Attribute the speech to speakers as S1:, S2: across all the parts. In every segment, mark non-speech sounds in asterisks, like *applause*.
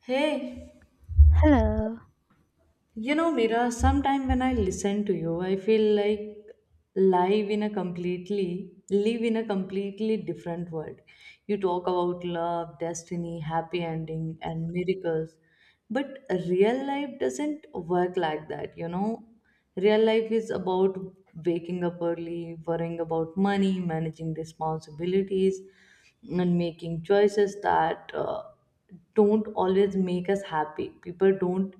S1: Hey,
S2: Hello.
S1: you know, Mira, sometime when I listen to you, I feel like live in a completely different world. You talk about love, destiny, happy ending, and miracles. But real life doesn't work like that, you know. Real life is about waking up early, worrying about money, managing responsibilities, and making choices that don't always make us happy. People don't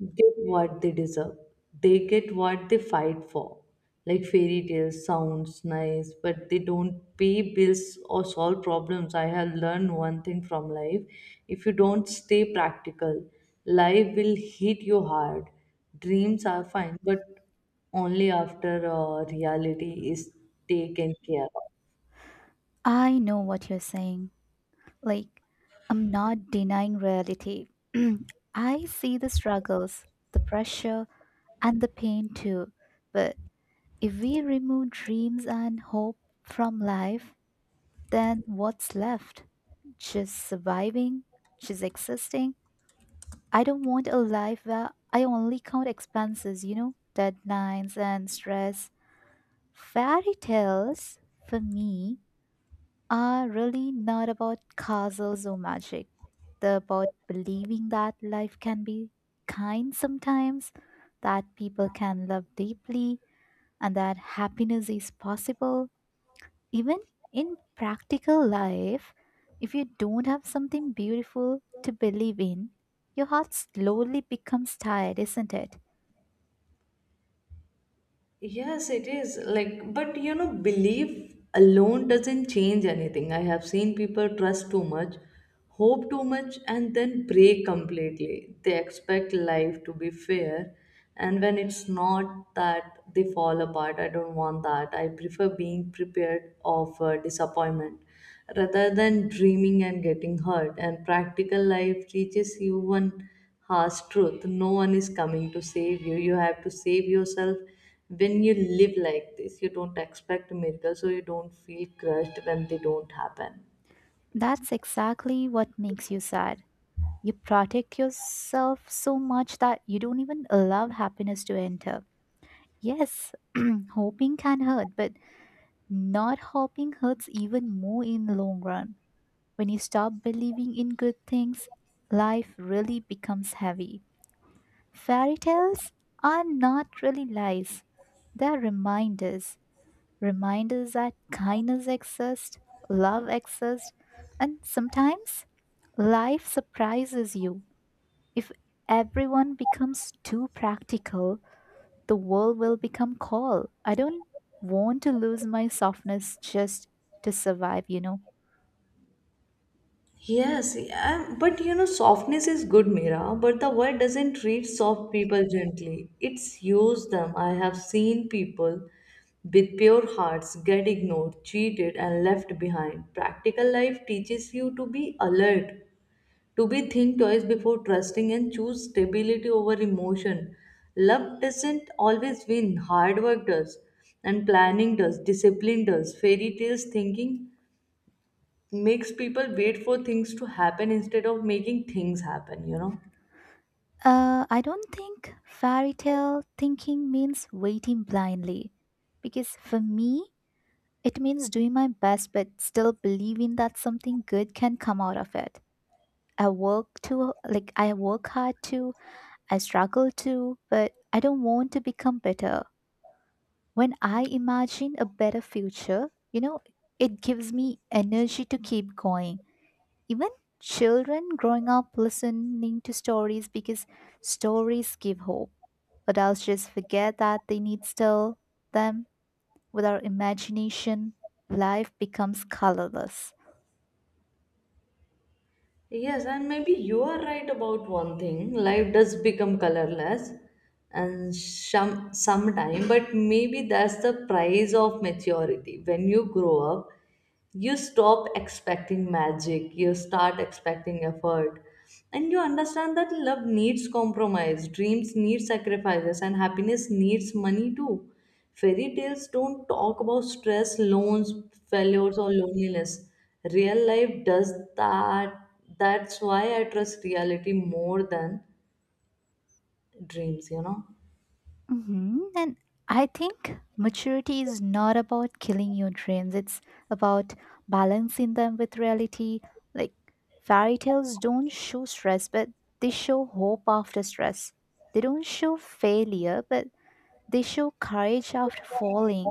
S1: get what they deserve. They get what they fight for. Like fairy tales sounds nice, but they don't pay bills or solve problems. I have learned one thing from life. If you don't stay practical, life will hit you hard. Dreams are fine, but only after reality is taken care of.
S2: I know what you're saying. Like, I'm not denying reality. *clears throat* I see the struggles, the pressure, and the pain too. But if we remove dreams and hope from life, then what's left? Just surviving? Just existing? I don't want a life where I only count expenses, you know, deadlines and stress. Fairy tales, for me, are really not about castles or magic. They're about believing that life can be kind sometimes, that people can love deeply, and that happiness is possible. Even in practical life, if you don't have something beautiful to believe in, your heart slowly becomes tired, isn't it?
S1: Yes, it is. Like, but you know, belief alone doesn't change anything. I have seen people trust too much, hope too much, and then break completely. They expect life to be fair, and when it's not that, they fall apart. I don't want that. I prefer being prepared of disappointment rather than dreaming and getting hurt. And practical life teaches you one harsh truth no one is coming to save you. You have to save yourself when you live like this. You don't expect miracles, so you don't feel crushed when they don't happen.
S2: That's exactly what makes you sad. You protect yourself so much that you don't even allow happiness to enter. Yes, *clears throat* hoping can hurt, but not hoping hurts even more in the long run. When you stop believing in good things, life really becomes heavy. Fairy tales are not really lies. They're reminders. Reminders that kindness exists, love exists, and sometimes life surprises you. If everyone becomes too practical, the world will become cold. I don't want to lose my softness just to survive, you know.
S1: Yes, yeah, but you know, softness is good, Mira, but the world doesn't treat soft people gently. It's use them. I have seen people with pure hearts get ignored, cheated, and left behind. Practical life teaches you to be alert, to be think twice before trusting, and choose stability over emotion. Love doesn't always win, hard work does, and planning does, discipline does, fairy tales thinking makes people wait for things to happen instead of making things happen, you know.
S2: I don't think fairy tale thinking means waiting blindly. Because for me, it means doing my best but still believing that something good can come out of it. I work to like I work hard to, I struggle to, but I don't want to become better. When I imagine a better future, you know, it gives me energy to keep going. Even children growing up listening to stories because stories give hope. Adults just forget that they need to tell them. Without imagination, life becomes colorless.
S1: Yes, and maybe you are right about one thing. Life does become colorless and sometime, but maybe that's the price of maturity. When you grow up, you stop expecting magic, you start expecting effort, and you understand that love needs compromise, dreams need sacrifices, and happiness needs money too. Fairy tales don't talk about stress, loans, failures, or loneliness. Real life does that. That's why I trust reality more than dreams, you know.
S2: And I think maturity is not about killing your dreams, it's about balancing them with reality. Like, fairy tales don't show stress, but they show hope after stress. They don't show failure, but they show courage after falling.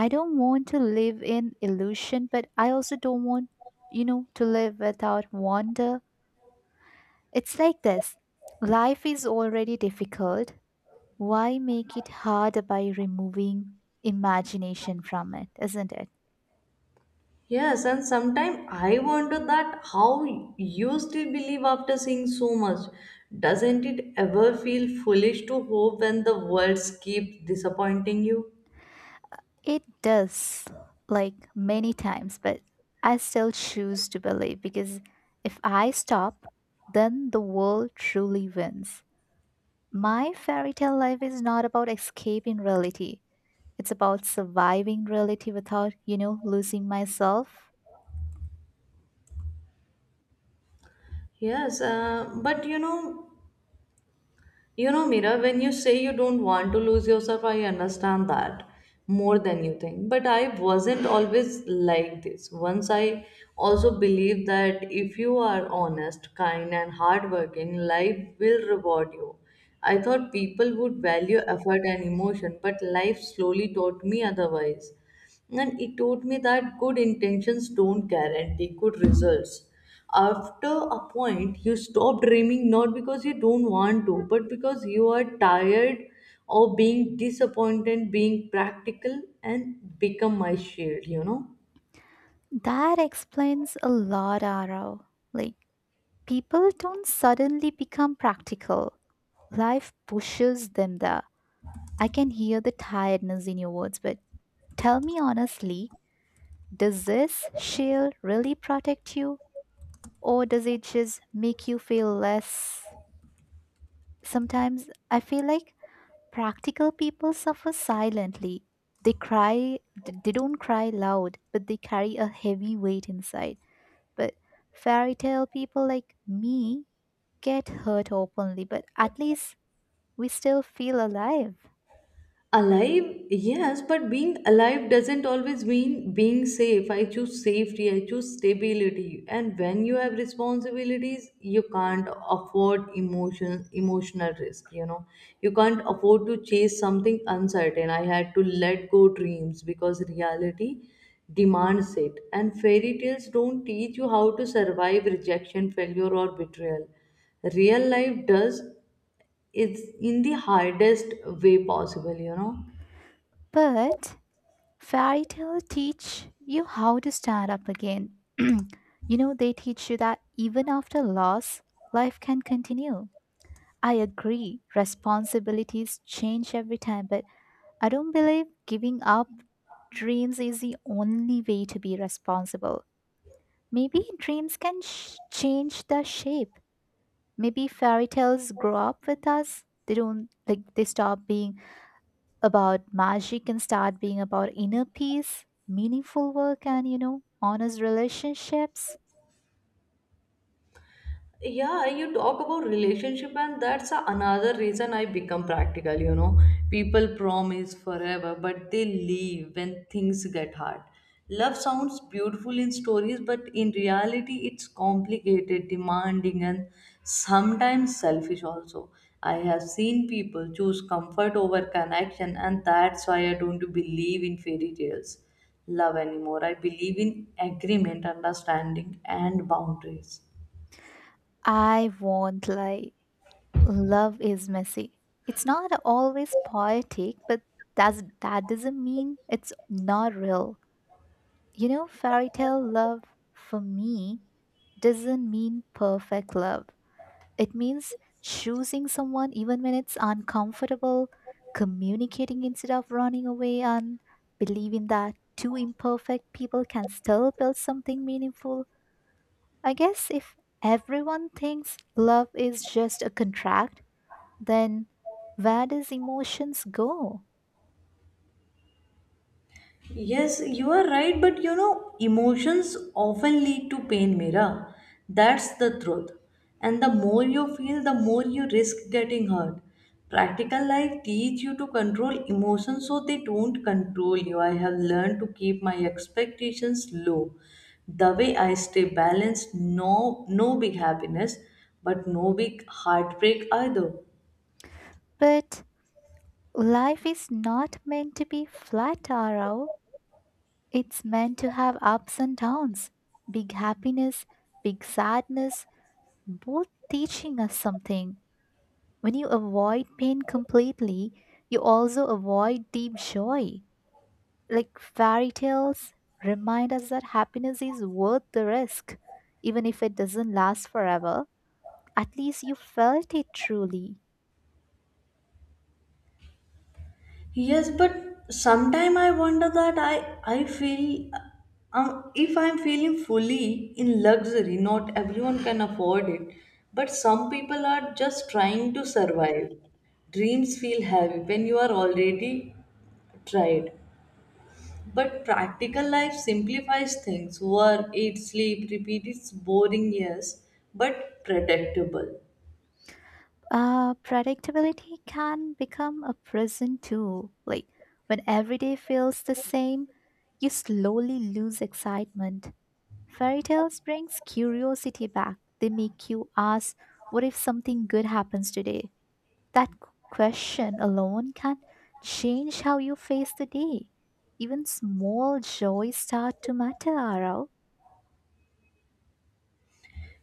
S2: I don't want to live in illusion, but I also don't want, you know, to live without wonder. It's like this life is already difficult. Why make it harder by removing imagination from it, isn't it?
S1: Yes, and sometimes I wonder that how you still believe after seeing so much. Doesn't it ever feel foolish to hope when the words keep disappointing you?
S2: It does, like many times, but I still choose to believe because if I stop, then the world truly wins. My fairy tale life is not about escaping reality. It's about surviving reality without, you know, losing myself.
S1: Yes, uh, but you know, You know, Mira, when you say you don't want to lose yourself, I understand that more than you think. But I wasn't always like this. Once I also believed that if you are honest, kind, and hardworking, life will reward you. I thought people would value effort and emotion, but life slowly taught me otherwise, and it taught me that good intentions don't guarantee good results. After a point, you stop dreaming not because you don't want to, but because you are tired of being disappointed, being practical, and become my shield, you know.
S2: That explains a lot, Arrow. Like, people don't suddenly become practical, life pushes them there. I can hear the tiredness in your words, but tell me honestly, does this shield really protect you, or does it just make you feel less? Sometimes I feel like practical people suffer silently. They cry, they don't cry loud, but they carry a heavy weight inside. But fairy tale people like me get hurt openly, but at least we still feel alive.
S1: Alive, yes, but being alive doesn't always mean being safe. I choose safety, I choose stability. And when you have responsibilities, you can't afford emotional risk, you know. You can't afford to chase something uncertain. I had to let go dreams because reality demands it. And fairy tales don't teach you how to survive rejection, failure, or betrayal. Real life does it's in the hardest way possible, you know.
S2: But fairy tale teach you how to stand up again. *clears throat* You know, they teach you that even after loss, life can continue. I agree, responsibilities change every time, but I don't believe giving up dreams is the only way to be responsible. Maybe dreams can change their shape. Maybe fairy tales grow up with us. They don't like they stop being about magic and start being about inner peace, meaningful work, and you know, honest relationships.
S1: Yeah, you talk about relationship, and that's another reason I become practical, you know. People promise forever, but they leave when things get hard. Love sounds beautiful in stories, but in reality it's complicated, demanding, and sometimes selfish also. I have seen people choose comfort over connection, and that's why I don't believe in fairy tales love anymore. I believe in agreement, understanding, and boundaries.
S2: I won't lie. Love is messy. It's not always poetic, but that doesn't mean it's not real. You know, fairy tale love for me doesn't mean perfect love. It means choosing someone even when it's uncomfortable, communicating instead of running away, and believing that two imperfect people can still build something meaningful. I guess if everyone thinks love is just a contract, then where does emotions go?
S1: Yes, you are right, but you know, emotions often lead to pain, Mira. That's the truth. And the more you feel, the more you risk getting hurt. Practical life teach you to control emotions so they don't control you. I have learned to keep my expectations low. The way I stay balanced, no big happiness, but no big heartbreak either.
S2: But life is not meant to be flat, Arau. It's meant to have ups and downs, big happiness, big sadness, both teaching us something. When you avoid pain completely, you also avoid deep joy. Like fairy tales remind us that happiness is worth the risk, even if it doesn't last forever. At least you felt it truly.
S1: Yes, but sometime I wonder that I feel if I'm feeling fully in luxury, not everyone can afford it, but some people are just trying to survive. Dreams feel heavy when you are already tried. But practical life simplifies things. Work, eat, sleep, repeat. It's boring, yes, but predictable.
S2: Predictability can become a prison too. Like when every day feels the same, you slowly lose excitement. Fairy tales brings curiosity back. They make you ask, "What if something good happens today?" That q- question alone can change how you face the day. Even small joys start to matter, Arav.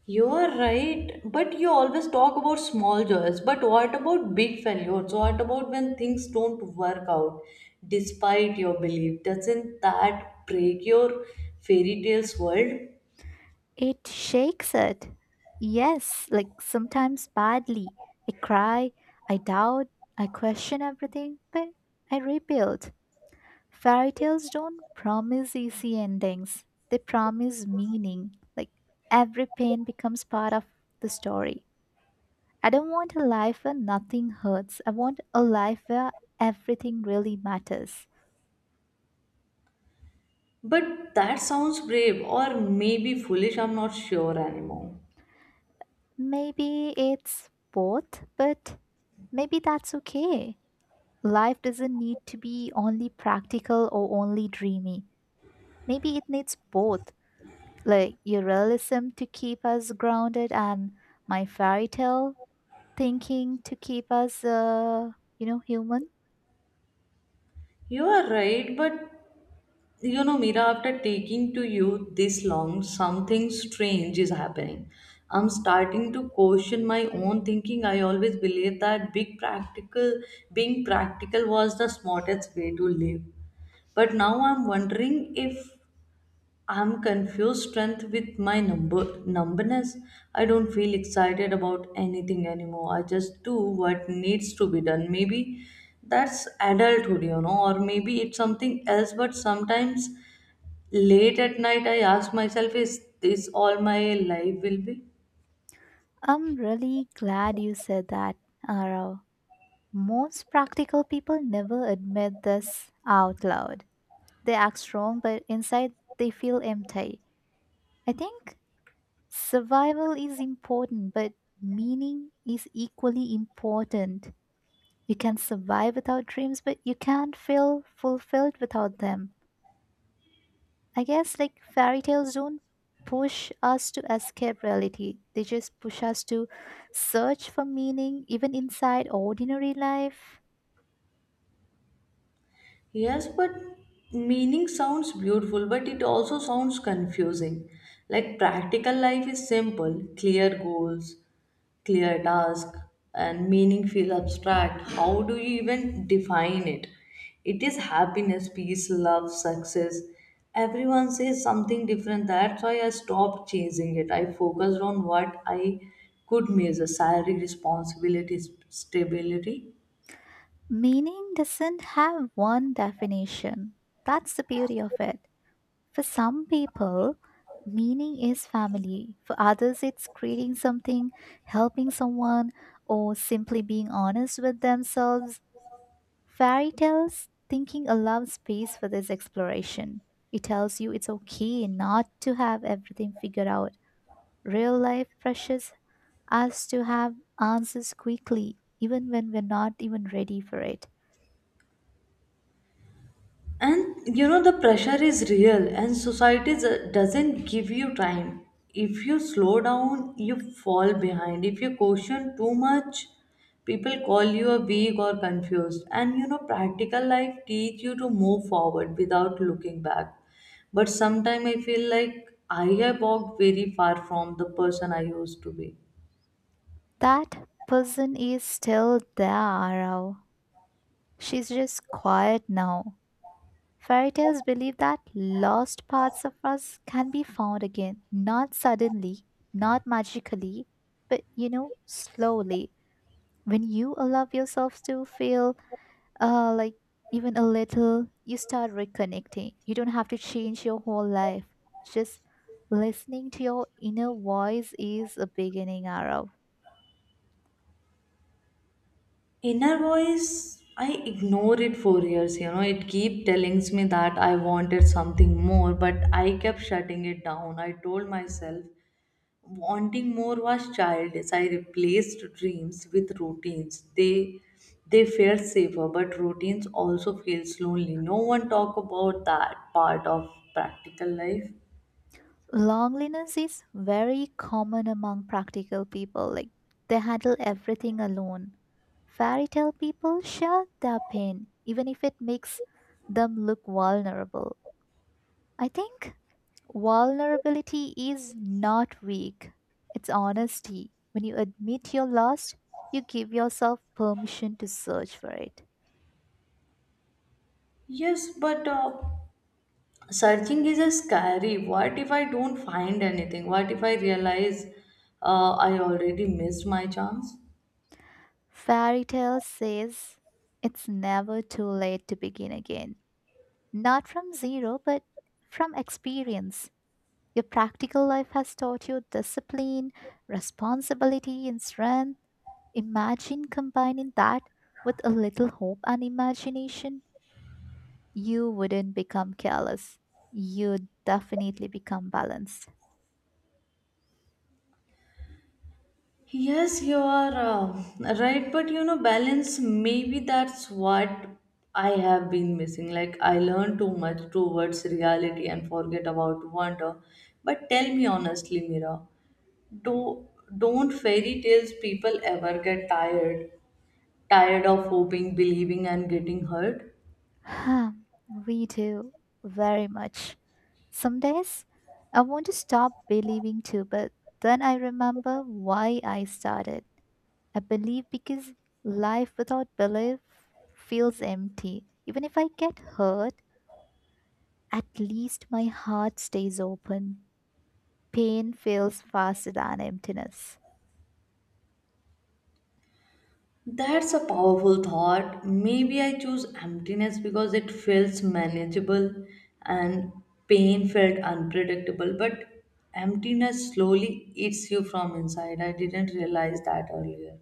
S1: You are right, but you always talk about small joys. But what about big failures? What about when things don't work out despite your belief? Doesn't that break your fairy tales world?
S2: It shakes it. Yes, like sometimes badly. I cry, I doubt, I question everything, but I rebuild. Fairy tales don't promise easy endings, they promise meaning. Like every pain becomes part of the story. I don't want a life where nothing hurts, I want a life where everything really matters.
S1: But that sounds brave or maybe foolish, I'm not sure anymore.
S2: Maybe it's both, but maybe that's okay. Life doesn't need to be only practical or only dreamy. Maybe it needs both, like your realism to keep us grounded and my fairy tale thinking to keep us, you know, human.
S1: You are right, but you know, Mira, after taking to you this long, something strange is happening. I'm starting to question my own thinking. I always believed that big practical being practical was the smartest way to live. But now I'm wondering if I'm confused strength with my number numbness. I don't feel excited about anything anymore. I just do what needs to be done. Maybe that's adulthood, you know, or maybe it's something else, but sometimes late at night, I ask myself, is this all my life will be?
S2: I'm really glad you said that, Arav. Most practical people never admit this out loud. They act strong, but inside they feel empty. I think survival is important, but meaning is equally important. You can survive without dreams, but you can't feel fulfilled without them. I guess like fairy tales don't push us to escape reality, they just push us to search for meaning even inside ordinary life.
S1: Yes, but meaning sounds beautiful, but it also sounds confusing. Like practical life is simple, clear goals, clear task, and meaning feel abstract. How do you even define it? It is happiness, peace, love, success. Everyone says something different. That's why I stopped chasing it. I focused on what I could measure salary, responsibilities, stability.
S2: Meaning doesn't have one definition. That's the beauty of it. For some people, meaning is family. For others, it's creating something, helping someone, or simply being honest with themselves. Fairy tales thinking allows space for this exploration. It tells you it's okay not to have everything figured out. Real life pressures us to have answers quickly, even when we're not even ready for it.
S1: And you know, the pressure is real, and doesn't give you time. If you slow down, you fall behind. If you caution too much, people call you a weak or confused. And you know, practical life teach you to move forward without looking back. But sometimes I feel like I have walked very far from the person I used to be.
S2: That person is still there, Arau. She's just quiet now. Fairy tales believe that lost parts of us can be found again, not suddenly, not magically, but you know, slowly. When you allow yourself to feel like even a little, you start reconnecting. You don't have to change your whole life. Just listening to your inner voice is a beginning, Arrow.
S1: Inner voice, I ignored it for years. You know, it keep telling me that I wanted something more, but I kept shutting it down. I told myself wanting more was childish. I replaced dreams with routines. They felt safer, but routines also feels lonely. No one talk about that part of practical life.
S2: Loneliness is very common among practical people, like they handle everything alone. Fairy tale people share their pain, even if it makes them look vulnerable. I think vulnerability is not weak, it's honesty. When you admit you're lost, you give yourself permission to search for it.
S1: Yes, but searching is a scary. What if I don't find anything? What if I realize I already missed my chance?
S2: Fairy tale says it's never too late to begin again. Not from zero, but from experience. Your practical life has taught you discipline, responsibility, and strength. Imagine combining that with a little hope and imagination. You wouldn't become careless. You'd definitely become balanced. *sighs*
S1: Yes, you are right, but you know, balance, maybe that's what I have been missing. Like I learned too much towards reality and forget about wonder. But tell me honestly, Mira, do don't fairy tales people ever get tired, tired of hoping, believing, and getting hurt?
S2: Huh, we do very much. Some days I want to stop believing too, but then I remember why I started. I believe because life without belief feels empty. Even if I get hurt, at least my heart stays open. Pain fails faster than emptiness.
S1: That's a powerful thought. Maybe I choose emptiness because it feels manageable and pain felt unpredictable. But emptiness slowly eats you from inside. I didn't realize that earlier.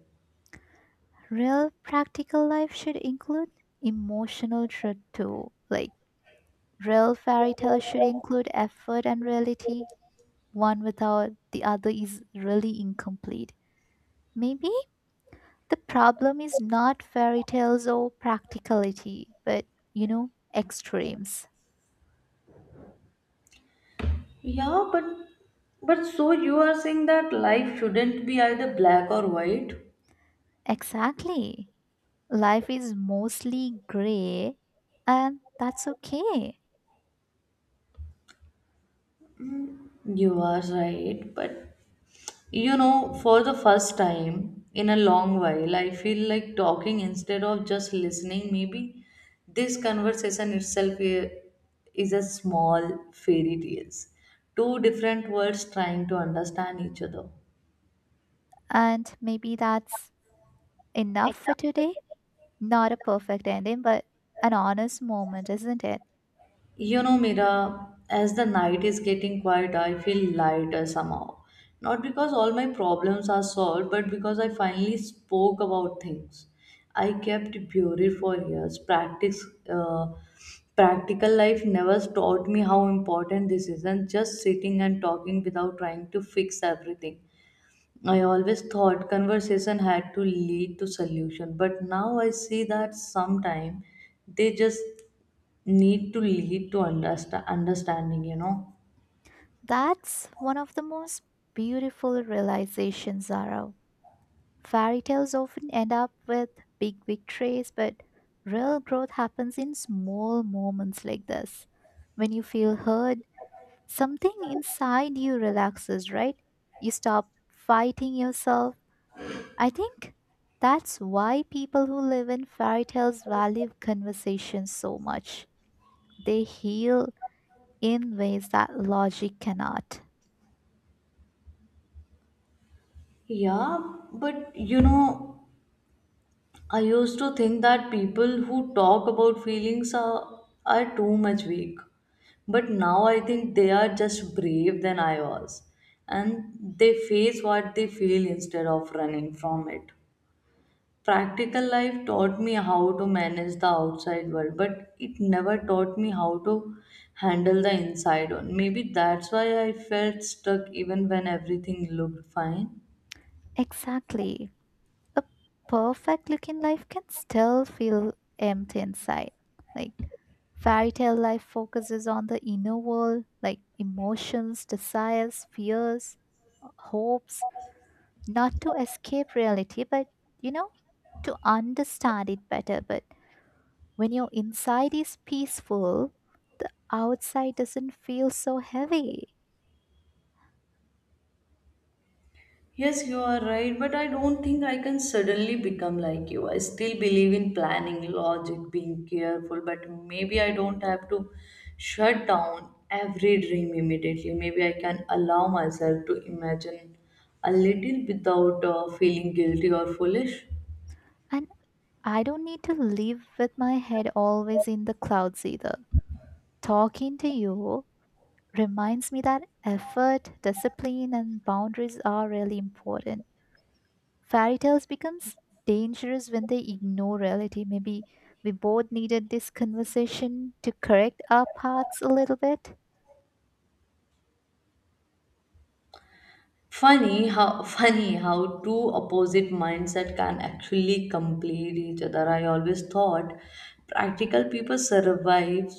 S2: Real practical life should include emotional truth too. Like real fairy tales should include effort and reality. One without the other is really incomplete. Maybe the problem is not fairy tales or practicality, but you know, extremes.
S1: Yeah, but so you are saying that life shouldn't be either black or white?
S2: Exactly. Life is mostly gray, and that's okay.
S1: You are right, but you know, for the first time in a long while, I feel like talking instead of just listening. Maybe this conversation itself is a small fairy tales. Two different worlds trying to understand each other.
S2: And maybe that's enough for today. Not a perfect ending, but an honest moment, isn't it?
S1: You know, Mira, as the night is getting quiet, I feel lighter somehow. Not because all my problems are solved, but because I finally spoke about things. I kept bury for years. Practical life never taught me how important this is, and just sitting and talking without trying to fix everything. I always thought conversation had to lead to solution, but now I see that sometimes they just need to lead to understanding, you know.
S2: That's one of the most beautiful realizations, Zara. Fairy tales often end up with big victories, but real growth happens in small moments like this. When you feel heard, something inside you relaxes, right? You stop fighting yourself. I think that's why people who live in fairy tales value conversations so much. They heal in ways that logic cannot.
S1: Yeah, but you know, I used to think that people who talk about feelings are too much weak, but now I think they are just brave than I was, and they face what they feel instead of running from it. Practical life taught me how to manage the outside world, but it never taught me how to handle the inside one. Maybe that's why I felt stuck even when everything looked fine.
S2: Exactly. A perfect looking life can still feel empty inside. Like fairy tale life focuses on the inner world, like emotions, desires, fears, hopes, not to escape reality, but you know, to understand it better. But when your inside is peaceful, the outside doesn't feel so heavy.
S1: Yes, you are right, but I don't think I can suddenly become like you. I still believe in planning, logic, being careful, but maybe I don't have to shut down every dream immediately. Maybe I can allow myself to imagine a little without feeling guilty or foolish.
S2: And I don't need to live with my head always in the clouds either. Talking to you reminds me that effort, discipline, and boundaries are really important. Fairy tales becomes dangerous when they ignore reality. Maybe we both needed this conversation to correct our paths a little bit.
S1: Funny how *laughs* funny how two opposite mindset can actually complete each other. I always thought practical people survive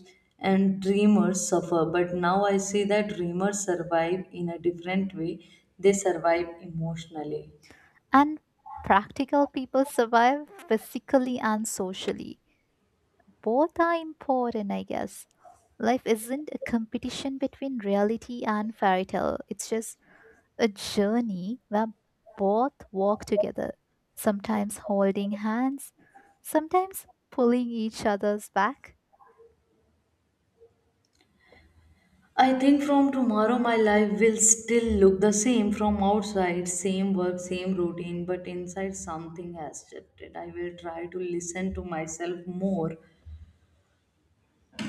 S1: and dreamers suffer, but now I see that dreamers survive in a different way. They survive emotionally.
S2: And practical people survive physically and socially. Both are important, I guess. Life isn't a competition between reality and fairy tale. It's just a journey where both walk together, sometimes holding hands, sometimes pulling each other's back.
S1: I think from tomorrow my life will still look the same from outside, same work, same routine, but inside something has shifted. I will try to listen to myself more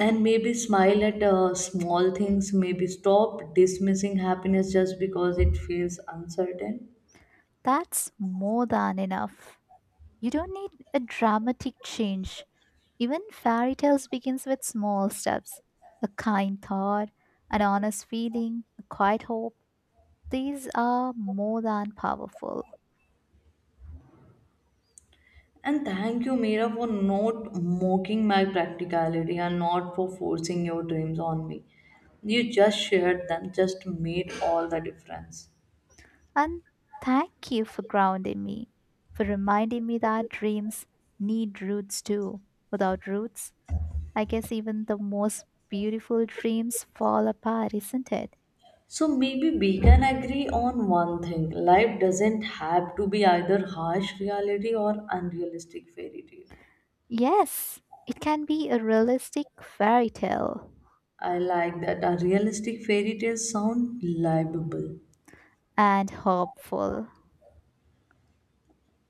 S1: and maybe smile at small things, maybe stop dismissing happiness just because it feels uncertain.
S2: That's more than enough. You don't need a dramatic change. Even fairy tales begins with small steps. A kind thought, an honest feeling, a quiet hope. These are more than powerful.
S1: And thank you, Mira, for not mocking my practicality and not for forcing your dreams on me. You just shared them, just made all the difference.
S2: And thank you for grounding me, for reminding me that dreams need roots too. Without roots, I guess even the most beautiful dreams fall apart, isn't it?
S1: So maybe we can agree on one thing: life doesn't have to be either harsh reality or unrealistic fairy tale.
S2: Yes, it can be a realistic fairy tale
S1: I like that, a realistic fairy tale sound livable.
S2: and hopeful.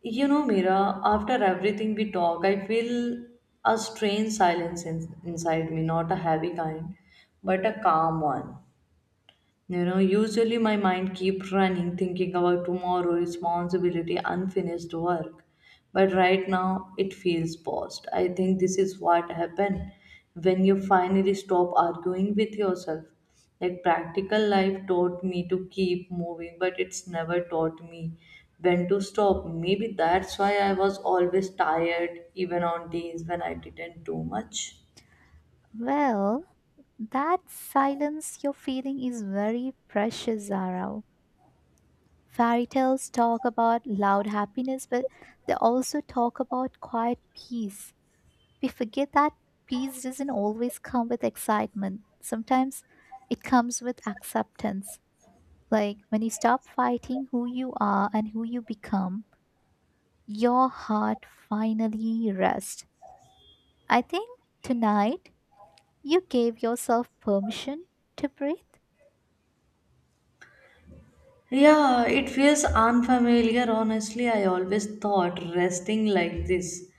S1: You know, Mira, after everything we talk, I feel a strange silence inside me, not a heavy kind, but a calm one. You know, usually my mind keeps running, thinking about tomorrow, responsibility, unfinished work. But right now, it feels paused. I think this is what happens when you finally stop arguing with yourself. Like practical life taught me to keep moving, but it's never taught me when to stop. Maybe that's why I was always tired, even on days when I didn't do much.
S2: Well, that silence you're feeling is very precious, Zara. Fairy tales talk about loud happiness, but they also talk about quiet peace. We forget that peace doesn't always come with excitement. Sometimes it comes with acceptance. Like when you stop fighting who you are and who you become, your heart finally rests. I think tonight you gave yourself permission to breathe
S1: Yeah, it feels unfamiliar. Honestly, I always thought resting like this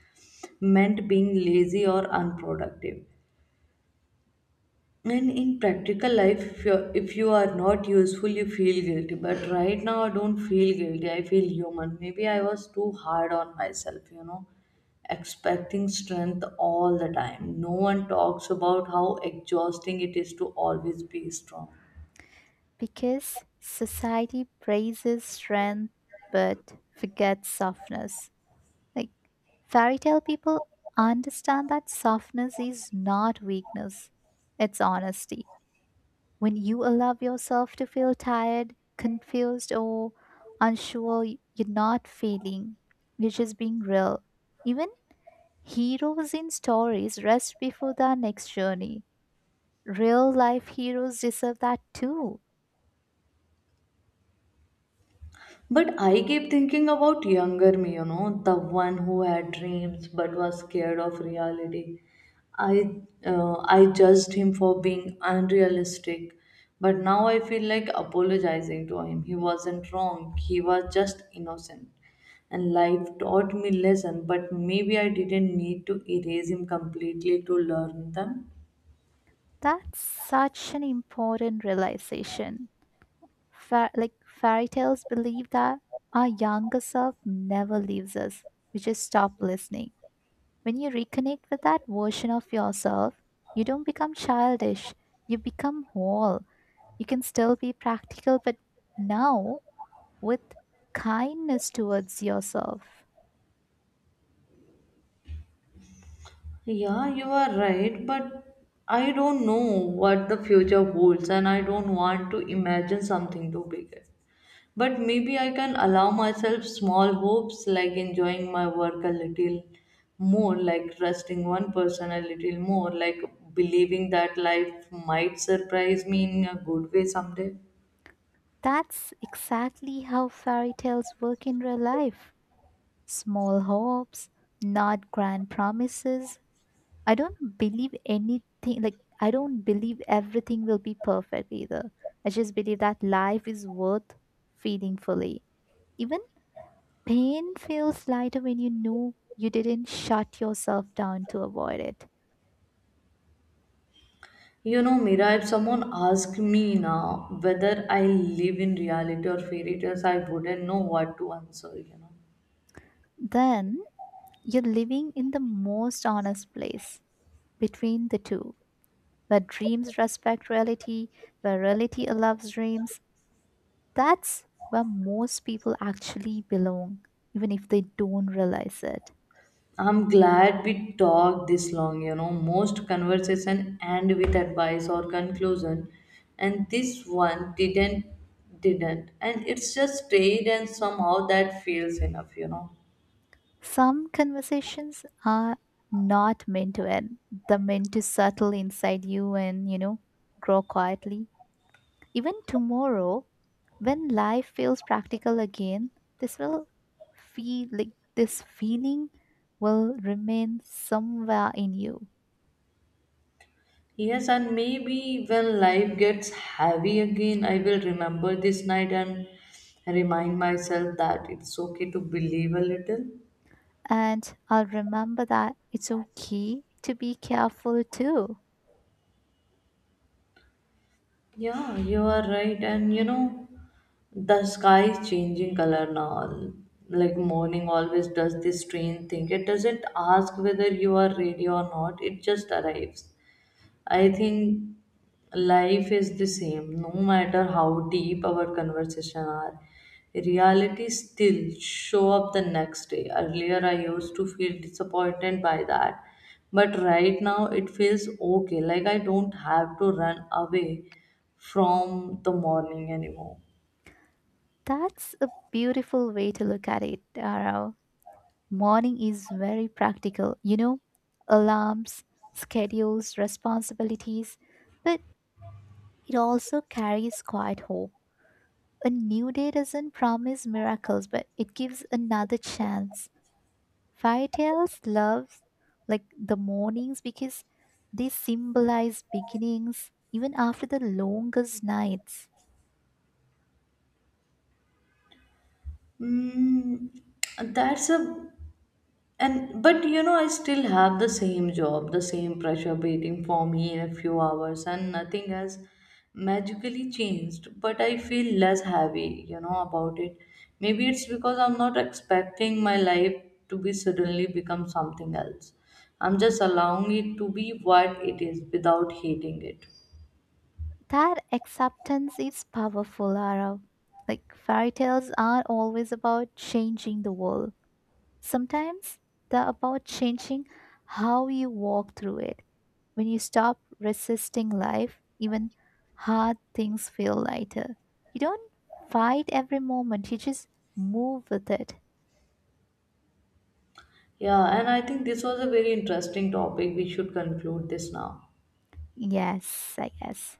S1: meant being lazy or unproductive. And in practical life, if you are not useful, you feel guilty. But right now, I don't feel guilty. I feel human. Maybe I was too hard on myself, you know, expecting strength all the time. No one talks about how exhausting it is to always be strong.
S2: because society praises strength but forgets softness. Like fairy tale people understand that softness is not weakness, it's honesty. When you allow yourself to feel tired, confused, or unsure, you're not failing, you're just being real. Even heroes in stories rest before their next journey. Real life heroes deserve that too.
S1: But I keep thinking about younger me, you know, the one who had dreams but was scared of reality. I judged him for being unrealistic, but now I feel like apologizing to him. He wasn't wrong. He was just innocent. And life taught me lesson, but maybe I didn't need to erase him completely to learn them.
S2: That's such an important realization. Like fairy tales believe that our younger self never leaves us. We just stop listening. When you reconnect with that version of yourself, you don't become childish. You become whole. You can still be practical, but now with kindness towards yourself.
S1: Yeah, you are right, but I don't know what the future holds, and I don't want to imagine something too big. But maybe I can allow myself small hopes, like enjoying my work a little more, like trusting one person a little more, like believing that life might surprise me in a good way someday.
S2: That's exactly how fairy tales work in real life. Small hopes, not grand promises, I don't believe anything, like, I don't believe everything will be perfect either. I just believe that life is worth feeling fully. Even pain feels lighter when you know you didn't shut yourself down to avoid it.
S1: You know, Mira, if someone asked me now whether I live in reality or fairy tales, I wouldn't know what to answer, you know.
S2: Then you're living in the most honest place between the two, where dreams respect reality, where reality allows dreams. That's where most people actually belong, even if they don't realize it.
S1: I'm glad we talked this long, you know. Most conversation end with advice or conclusion, and this one didn't. And it's just stayed, and somehow that feels enough, you know.
S2: Some conversations are not meant to end. They're meant to settle inside you and, you know, grow quietly. Even tomorrow, when life feels practical again, this will feel like this feeling will remain somewhere in you.
S1: Yes, and maybe when life gets heavy again, I will remember this night and remind myself that it's okay to believe a little.
S2: And I'll remember that it's okay to be careful too.
S1: Yeah, you are right. And you know, the sky is changing color now. Like morning always does this strange thing. It doesn't ask whether you are ready or not, it just arrives. I think life is the same, no matter how deep our conversation are. Reality still show up the next day. Earlier, I used to feel disappointed by that, but right now it feels okay. Like I don't have to run away from the morning anymore.
S2: That's a beautiful way to look at it, Arau. Morning is very practical, you know, alarms, schedules, responsibilities, but it also carries quiet hope. A new day doesn't promise miracles, but it gives another chance. Fairy tales love like the mornings because they symbolize beginnings even after the longest nights.
S1: Mm, that's a— And but you know, I still have the same job, the same pressure waiting for me in a few hours, and nothing has magically changed. But I feel less heavy, you know, about it. Maybe it's because I'm not expecting my life to be suddenly become something else. I'm just allowing it to be what it is without hating it.
S2: That acceptance is powerful, Arav. Like fairy tales are always about changing the world. Sometimes they're about changing how you walk through it. When you stop resisting life, even hard things feel lighter. You don't fight every moment, you just move with it.
S1: Yeah, and I think this was a very interesting topic. We should conclude this now.
S2: Yes, I guess.